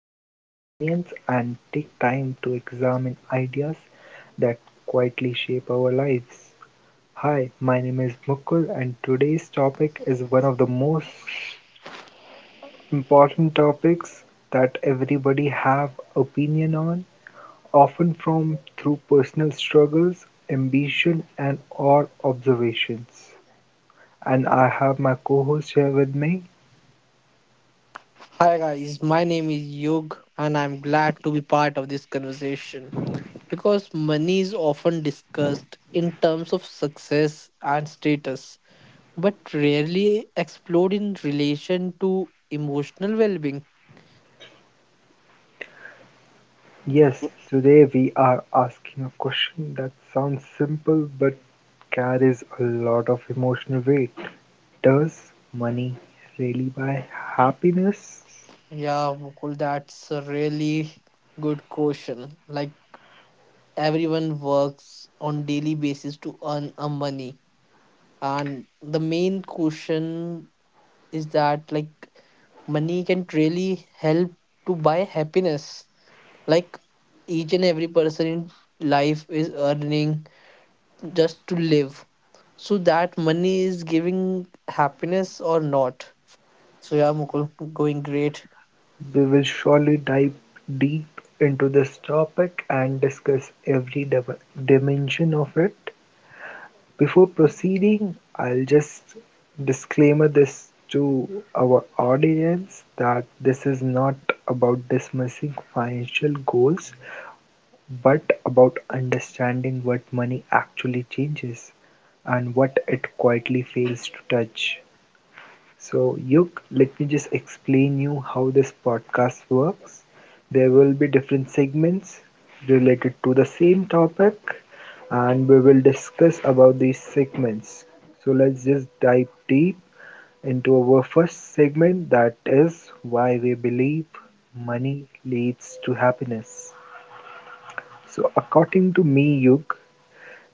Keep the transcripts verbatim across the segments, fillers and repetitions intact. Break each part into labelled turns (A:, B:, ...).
A: quick opinions and take time to examine ideas that quietly shape our lives. Hi, my name is Mukul and today's topic is one of the most important topics that everybody have opinion on, often from through personal struggles, ambition and or observations, and I have my co-host here with me.
B: Hi guys, my name is Yug and I'm glad to be part of this conversation because money is often discussed in terms of success and status but rarely explored in relation to emotional well-being.
A: Yes, today we are asking a question that sounds simple but carries a lot of emotional weight. Does money really buy happiness?
B: Yeah, Mukul, that's a really good question. Like everyone works on daily basis to earn a money and the main question is that like money can really help to buy happiness. Like each and every person in life is earning just to live. So that money is giving happiness or not. So yeah, Mukul, going great.
A: We will surely dive deep into this topic and discuss every dim- dimension of it. Before proceeding, I'll just disclaimer this to our audience that this is not about dismissing financial goals, but about understanding what money actually changes and what it quietly fails to touch. So, Yuk, let me just explain you how this podcast works. There will be different segments related to the same topic, and we will discuss about these segments. So, let's just dive deep into our first segment, that is why we believe money leads to happiness. So, according to me, Yuk,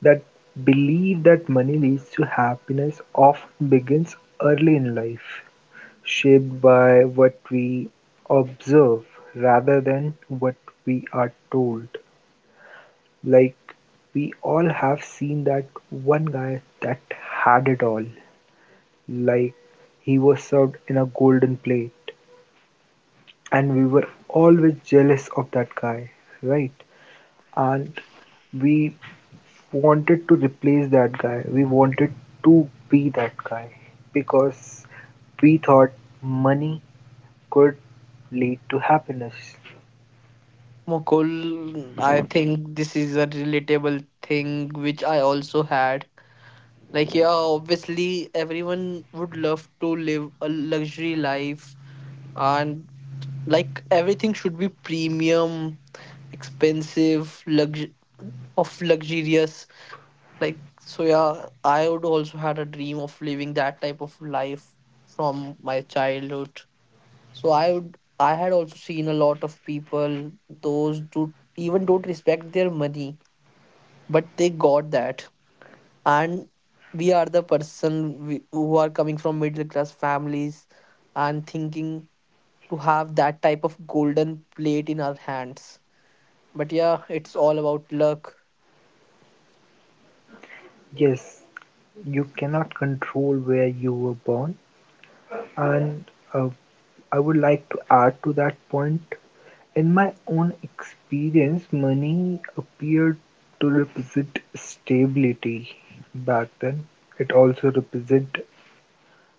A: that belief that money leads to happiness often begins early in life. Shaped by what we observe rather than what we are told. Like, we all have seen that one guy that had it all. Like, he was served in a golden plate. And we were always jealous of that guy, right? And we wanted to replace that guy. We wanted to be that guy because we thought money could lead to happiness.
B: Mukul, I think this is a relatable thing which I also had. Like, yeah, obviously, everyone would love to live a luxury life and like everything should be premium, expensive, lux of luxurious. Like so yeah, I would also had a dream of living that type of life from my childhood. So I would I had also seen a lot of people those do even don't respect their money, but they got that. And we are the person we, who are coming from middle class families and thinking to have that type of golden plate in our hands. But yeah, it's all about luck.
A: Yes, you cannot control where you were born, and uh, I would like to add to that point. In my own experience, money appeared to represent stability back then. It also represented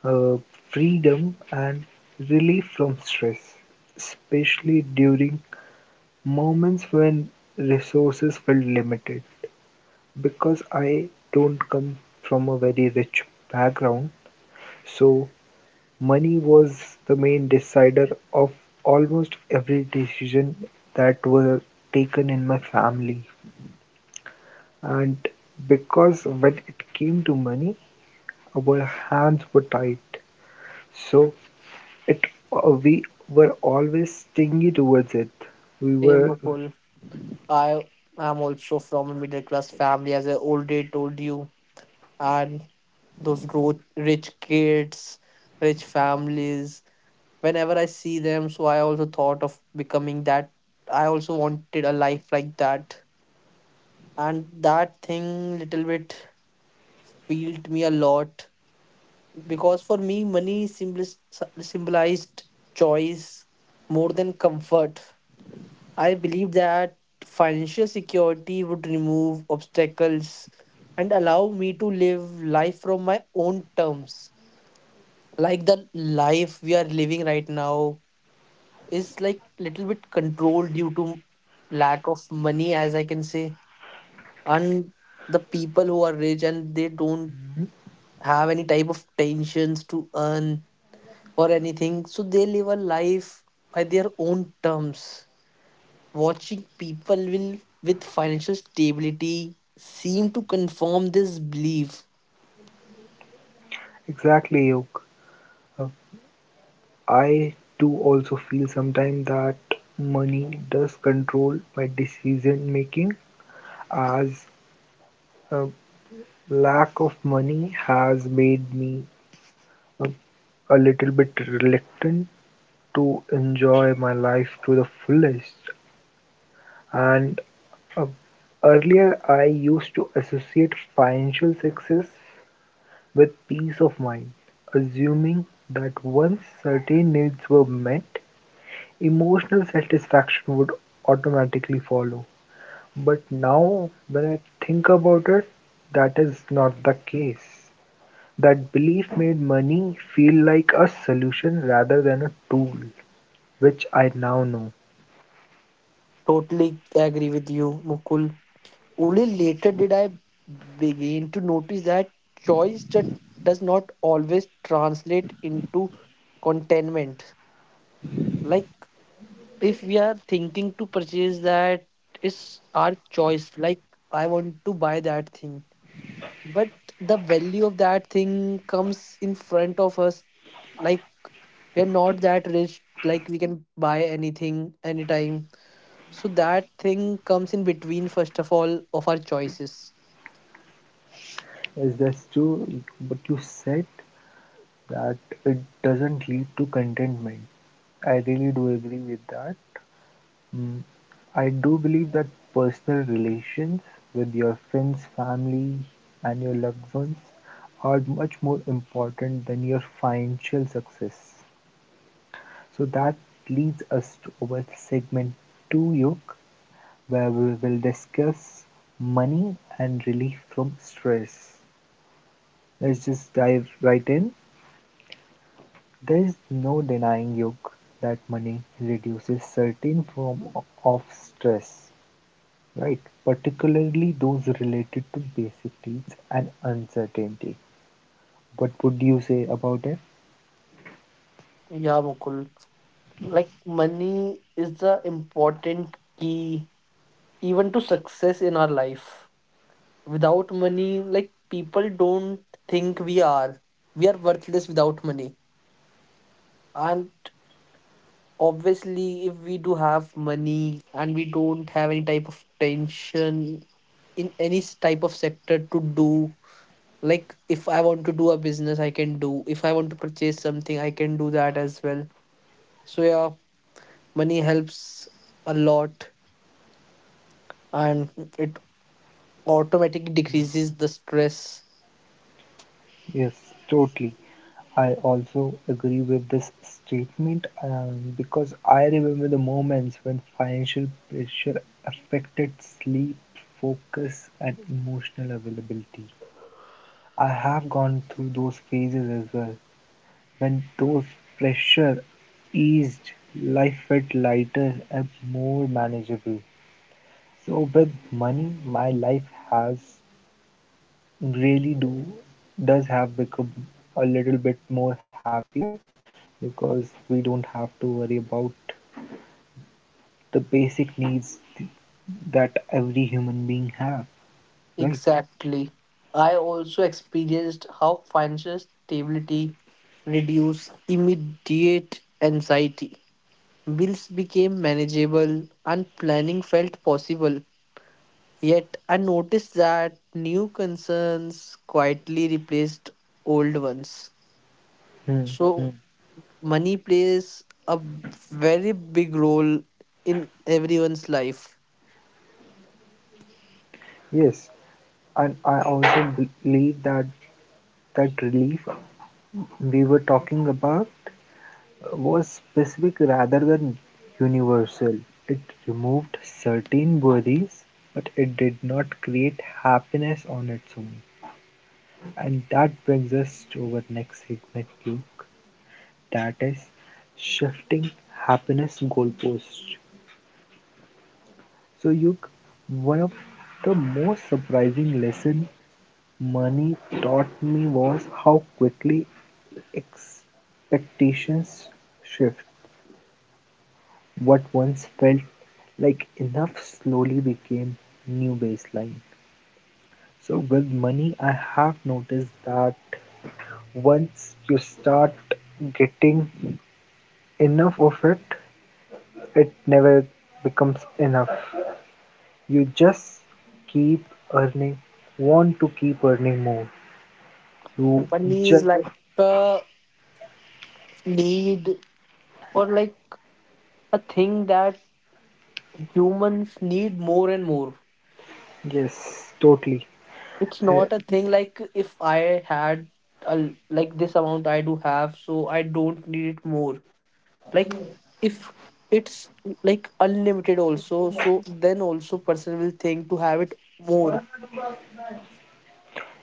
A: uh, freedom and relief from stress, especially during moments when resources felt limited. Because I don't come from a very rich background, so money was the main decider of almost every decision that were taken in my family. And because when it came to money, our hands were tied, so it uh, we were always stingy towards it. We
B: Same
A: were
B: Mukul. I am also from a middle class family, as I already told you. And those gro- rich kids, rich families, whenever I see them, so I also thought of becoming that. I also wanted a life like that. And that thing little bit filled me a lot because for me, money symbolis- symbolized choice more than comfort. I believe that financial security would remove obstacles and allow me to live life from my own terms. Like the life we are living right now is like little bit controlled due to lack of money, as I can say, and the people who are rich and they don't have any type of tensions to earn or anything, so they live a life by their own terms. Watching people will, with financial stability seem to confirm this belief.
A: exactly yoke. Uh, I do also feel sometimes that money does control my decision making, as uh, lack of money has made me uh, a little bit reluctant to enjoy my life to the fullest. And uh, earlier, I used to associate financial success with peace of mind, assuming that once certain needs were met, emotional satisfaction would automatically follow. But now, when I think about it, that is not the case. That belief made money feel like a solution rather than a tool, which I now know.
B: Totally agree with you, Mukul. Only later did I begin to notice that choice that does not always translate into contentment. Like if we are thinking to purchase that, it's our choice. Like I want to buy that thing, but the value of that thing comes in front of us, like we're not that rich like we can buy anything anytime, so that thing comes in between first of all of our choices.
A: Is this true? But you said that it doesn't lead to contentment. I really do agree with that. Mm. I do believe that personal relations with your friends, family, and your loved ones are much more important than your financial success. So that leads us to our segment two, yoke, where we will discuss money and relief from stress. Let's just dive right in. There is no denying, yoke, that money reduces certain form of stress. Right, particularly those related to basic needs and uncertainty. What would you say about it?
B: Yeah, Mukul, like money is the important key even to success in our life. Without money, like people don't think we are, we are worthless without money. And obviously if we do have money and we don't have any type of tension in any s- type of sector to do, like if I want to do a business I can do, if I want to purchase something I can do that as well. So yeah, money helps a lot, and it automatically
A: Mm.
B: decreases the stress.
A: Yes, totally. I also agree with this statement, um, because I remember the moments when financial pressure affected sleep, focus, and emotional availability. I have gone through those phases as well. When those pressure eased, life felt lighter and more manageable. So with money, my life has really do does have become a little bit more happier because we don't have to worry about the basic needs th- that every human being have, right?
B: Exactly. I also experienced how financial stability reduced immediate anxiety. Bills became manageable and planning felt possible. Yet I noticed that new concerns quietly replaced old ones.
A: Hmm, hmm.
B: So money plays a very big role in everyone's life.
A: Yes, and I also believe that that relief we were talking about. Was specific rather than universal. It removed certain worries, but it did not create happiness on its own. And that brings us to our next segment, Luke, that is shifting happiness goalposts. So, Luke, one of the most surprising lesson money taught me was how quickly expectations shift. What once felt like enough slowly became new baseline. So with money, I have noticed that once you start getting enough of it, it never becomes enough. You just keep earning, want to keep earning more. You
B: Money is
A: just,
B: like a need or like a thing that humans need more and more.
A: yes, totally.
B: It's
A: Uh,
B: not a thing like if I had a, like this amount I do have, so I don't need it more. Like if it's like unlimited also, so then also person will think to have it more.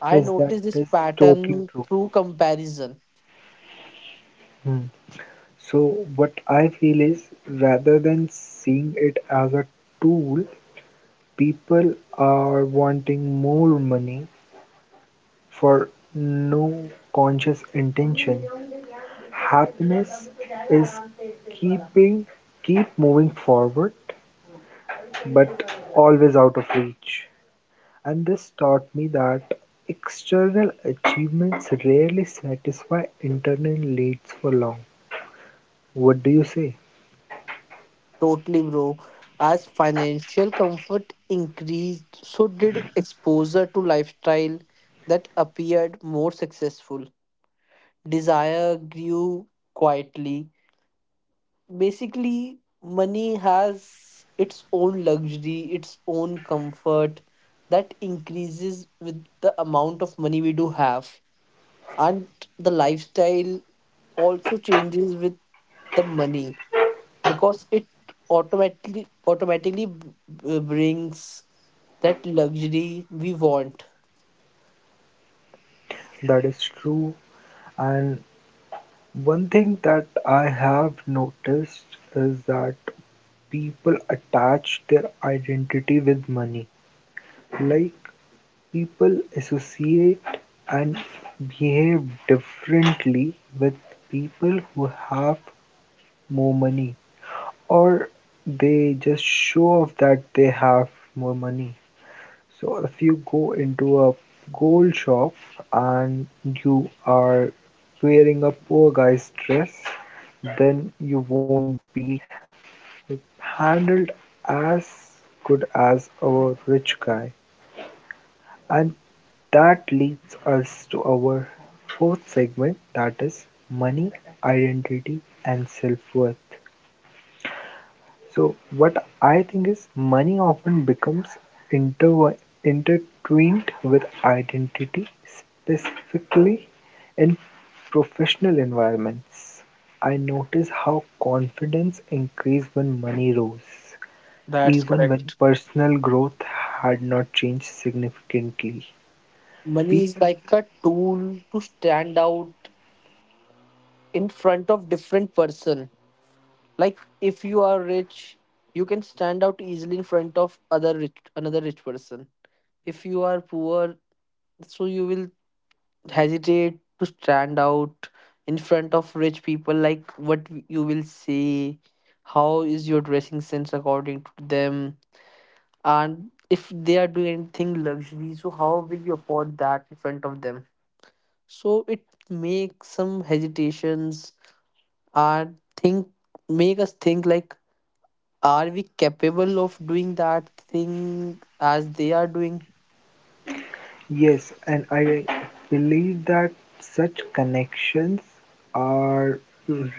B: I
A: yes, that
B: noticed this
A: is
B: pattern
A: totally true.
B: through comparison.
A: Hmm. So what I feel is rather than seeing it as a tool, people are wanting more money for no conscious intention. Happiness is keeping keep moving forward but always out of reach. And this taught me that external achievements rarely satisfy internal needs for long. What do you say?
B: Totally, bro. As financial comfort increased, so did exposure to lifestyle that appeared more successful. Desire grew quietly. Basically money has its own luxury, its own comfort, that increases with the amount of money we do have. And the lifestyle also changes with the money, because it automatically automatically b- b- brings that luxury we want.
A: That is true, and one thing that I have noticed is that people attach their identity with money. Like people associate and behave differently with people who have more money, or they just show off that they have more money. So if you go into a gold shop and you are wearing a poor guy's dress, then you won't be handled as good as a rich guy. And that leads us to our fourth segment, that is money, identity, and self worth. So what I think is money often becomes interwi- intertwined with identity, specifically in professional environments. I notice how confidence increased when money rose,
B: That's
A: even when
B: correct.
A: personal growth had not changed significantly.
B: Money is
A: People,
B: like a tool to stand out in front of different person. Like if you are rich, you can stand out easily in front of other rich another rich person. If you are poor, so you will hesitate to stand out in front of rich people. Like what you will say, how is your dressing sense according to them, and if they are doing anything luxury, so how will you afford that in front of them? So it makes some hesitations and think, make us think like, are we capable of doing that thing as they are doing?
A: yes, and I believe that such connections are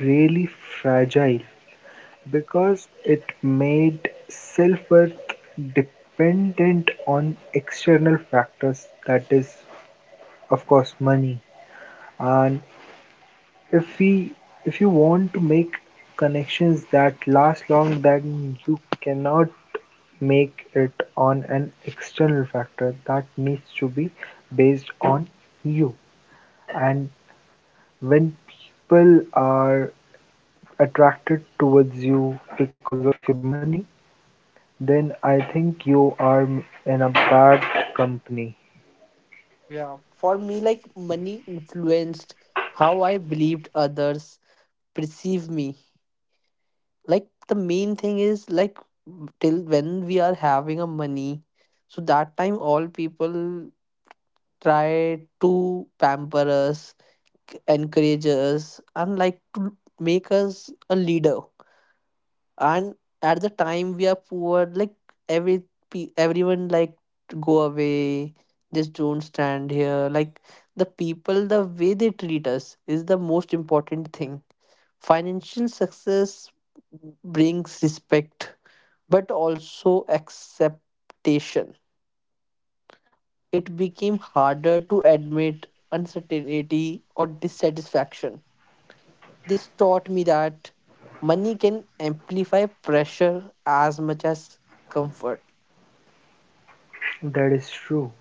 A: really fragile. Because it made self-worth dependent on external factors, that is, of course, money. And if we if you want to make connections that last long, then you cannot make it on an external factor that needs to be based on you, and when people are attracted towards you because of your money, then I think you are in a bad company.
B: Yeah. For me, like money influenced how I believed others perceive me. Like the main thing is like till when we are having a money, so that time all people try to pamper us, encourage us, and like to make us a leader. And at the time we are poor, like every pe- everyone like, go away, just don't stand here. Like the people, the way they treat us is the most important thing. Financial success brings respect but also acceptation. It became harder to admit uncertainty or dissatisfaction. This taught me that money can amplify pressure as much as comfort.
A: That is true.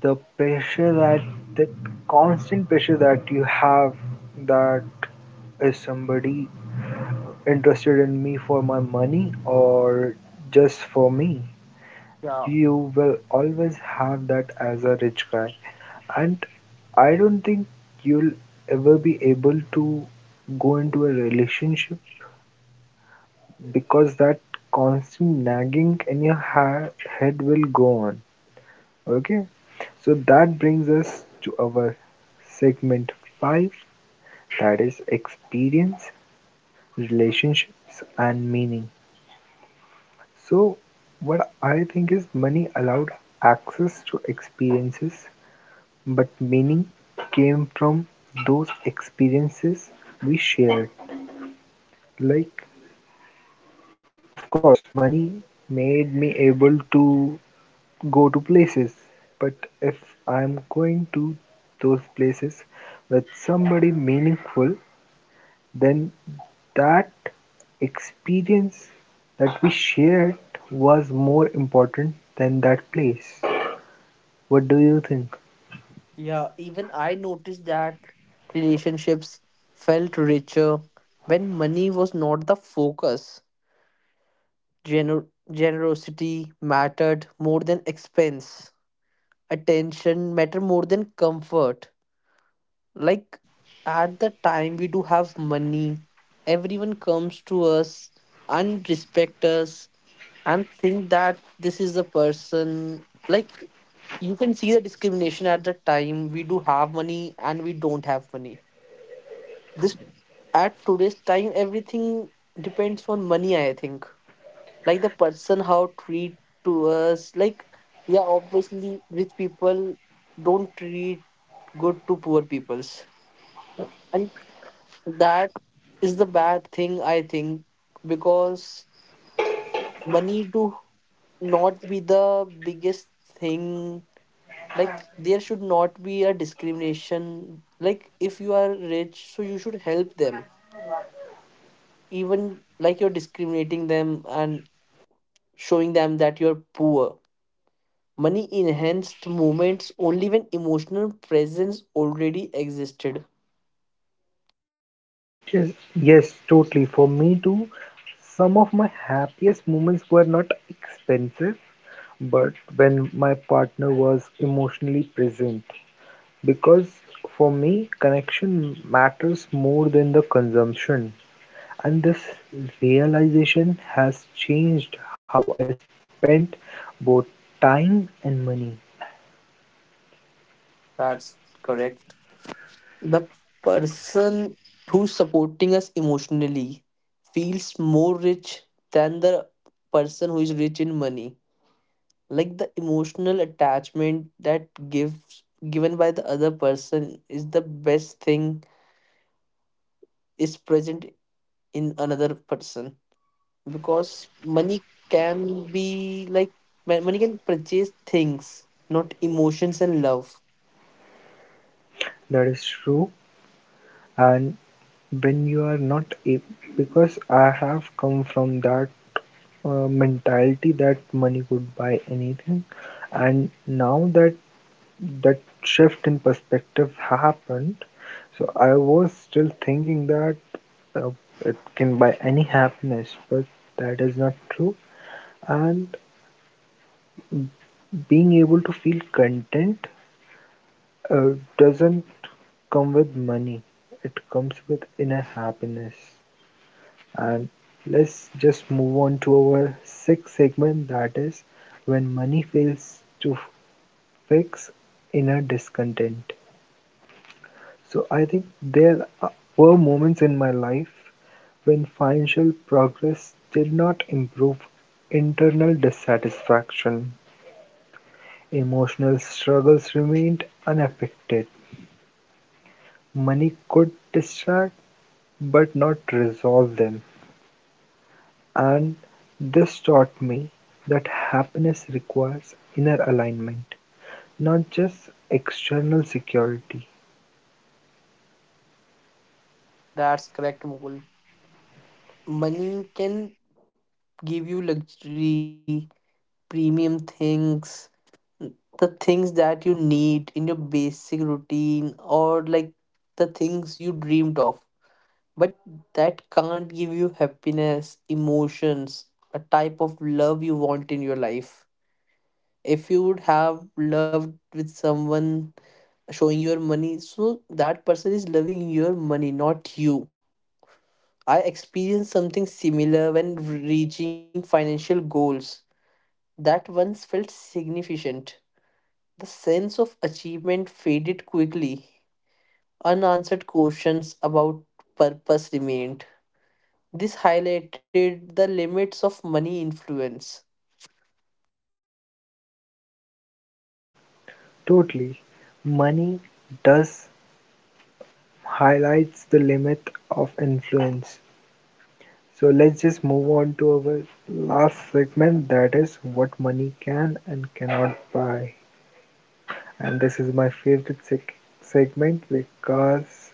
A: The pressure that, the constant pressure that you have, that is somebody interested in me for my money or just for me?
B: Yeah,
A: You will always have that as a rich guy. And I don't think you'll ever be able to go into a relationship because that constant nagging in your ha- head will go on. Okay, so that brings us to our segment five, that is experience, relationships, and meaning. So, what I think is money allowed access to experiences, but meaning came from those experiences we shared. Like, of course, money made me able to go to places, but if I'm going to those places with somebody meaningful, then that experience that we shared was more important than that place. What do you think?
B: yeah. Even I noticed that relationships felt richer when money was not the focus. Gener- generosity mattered more than expense. Attention mattered more than comfort. Like at the time we do have money, everyone comes to us and respect us and think that this is the person. Like you can see the discrimination at the time we do have money and we don't have money. This, at today's time everything depends on money, I think. Like the person how treat to us, like yeah, obviously rich people don't treat good to poor peoples. And that is the bad thing I think, because money do not be the biggest thing. Like there should not be a discrimination. Like if you are rich, so you should help them, even like you're discriminating them and showing them that you're poor. Money enhanced moments only when emotional presence already existed.
A: Yes, yes, totally. For me too, some of my happiest moments were not expensive, but when my partner was emotionally present. Because for me, connection matters more than the consumption, and this realization has changed how I spend both time and money.
B: That's correct. The person who's supporting us emotionally feels more rich than the person who is rich in money. Like the emotional attachment that gives given by the other person is the best thing, is present in another person, because money can be like, mo- money can purchase things, not emotions and love.
A: That is true, and when you are not a because I have come from that uh, mentality that money could buy anything, and now that that shift in perspective happened. So I was still thinking that uh, it can buy any happiness, but that is not true. And being able to feel content uh, doesn't come with money, it comes with inner happiness. And let's just move on to our sixth segment, that is when money fails to fix inner discontent. So I think there were moments in my life when financial progress did not improve. Internal dissatisfaction, emotional struggles remained unaffected. Money could distract but not resolve them. And this taught me that happiness requires inner alignment, not just external security.
B: That's correct, Mukul. Money can give you luxury, premium things, the things that you need in your basic routine, or like the things you dreamed of, but that can't give you happiness, emotions, a type of love you want in your life. If you would have loved with someone showing your money, so that person is loving your money, not you. I experienced something similar when reaching financial goals that once felt significant. The sense of achievement faded quickly. Unanswered questions about purpose remained. This highlighted the limits of money influence.
A: Totally, money does highlights the limit of influence. So let's just move on to our last segment, that is what money can and cannot buy. And this is my favorite seg- segment because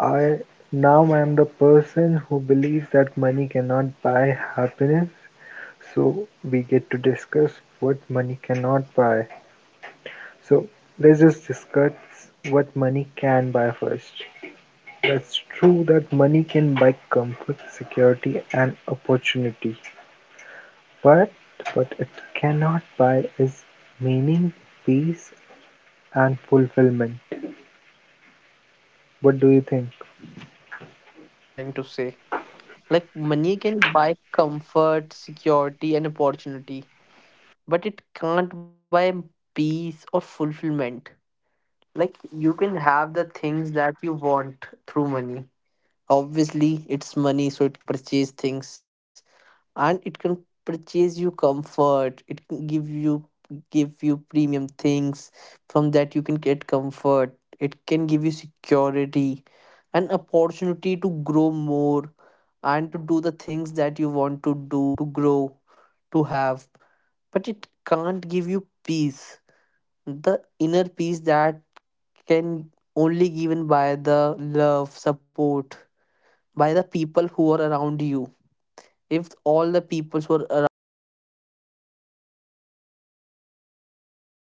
A: I now I am the person who believes that money cannot buy happiness. So we get to discuss what money cannot buy. So let's just discuss what money can buy first. That's true that money can buy comfort, security and opportunity, but what it cannot buy is meaning, peace and fulfillment. What do you think?
B: That's what exactly I am trying to say. Like, money can buy comfort, security, and opportunity, but it can't buy peace or fulfillment. Like, you can have the things that you want through money. Obviously, it's money, so it can purchase things, and it can purchase you comfort, it can give you give you premium things, from that you can get comfort, it can give you security, an opportunity to grow more and to do the things that you want to do, to grow, to have, but it can't give you peace. The inner peace that can only given by the love support by the people who are around you. If all the peoples were around you, like they are focusing on money and money,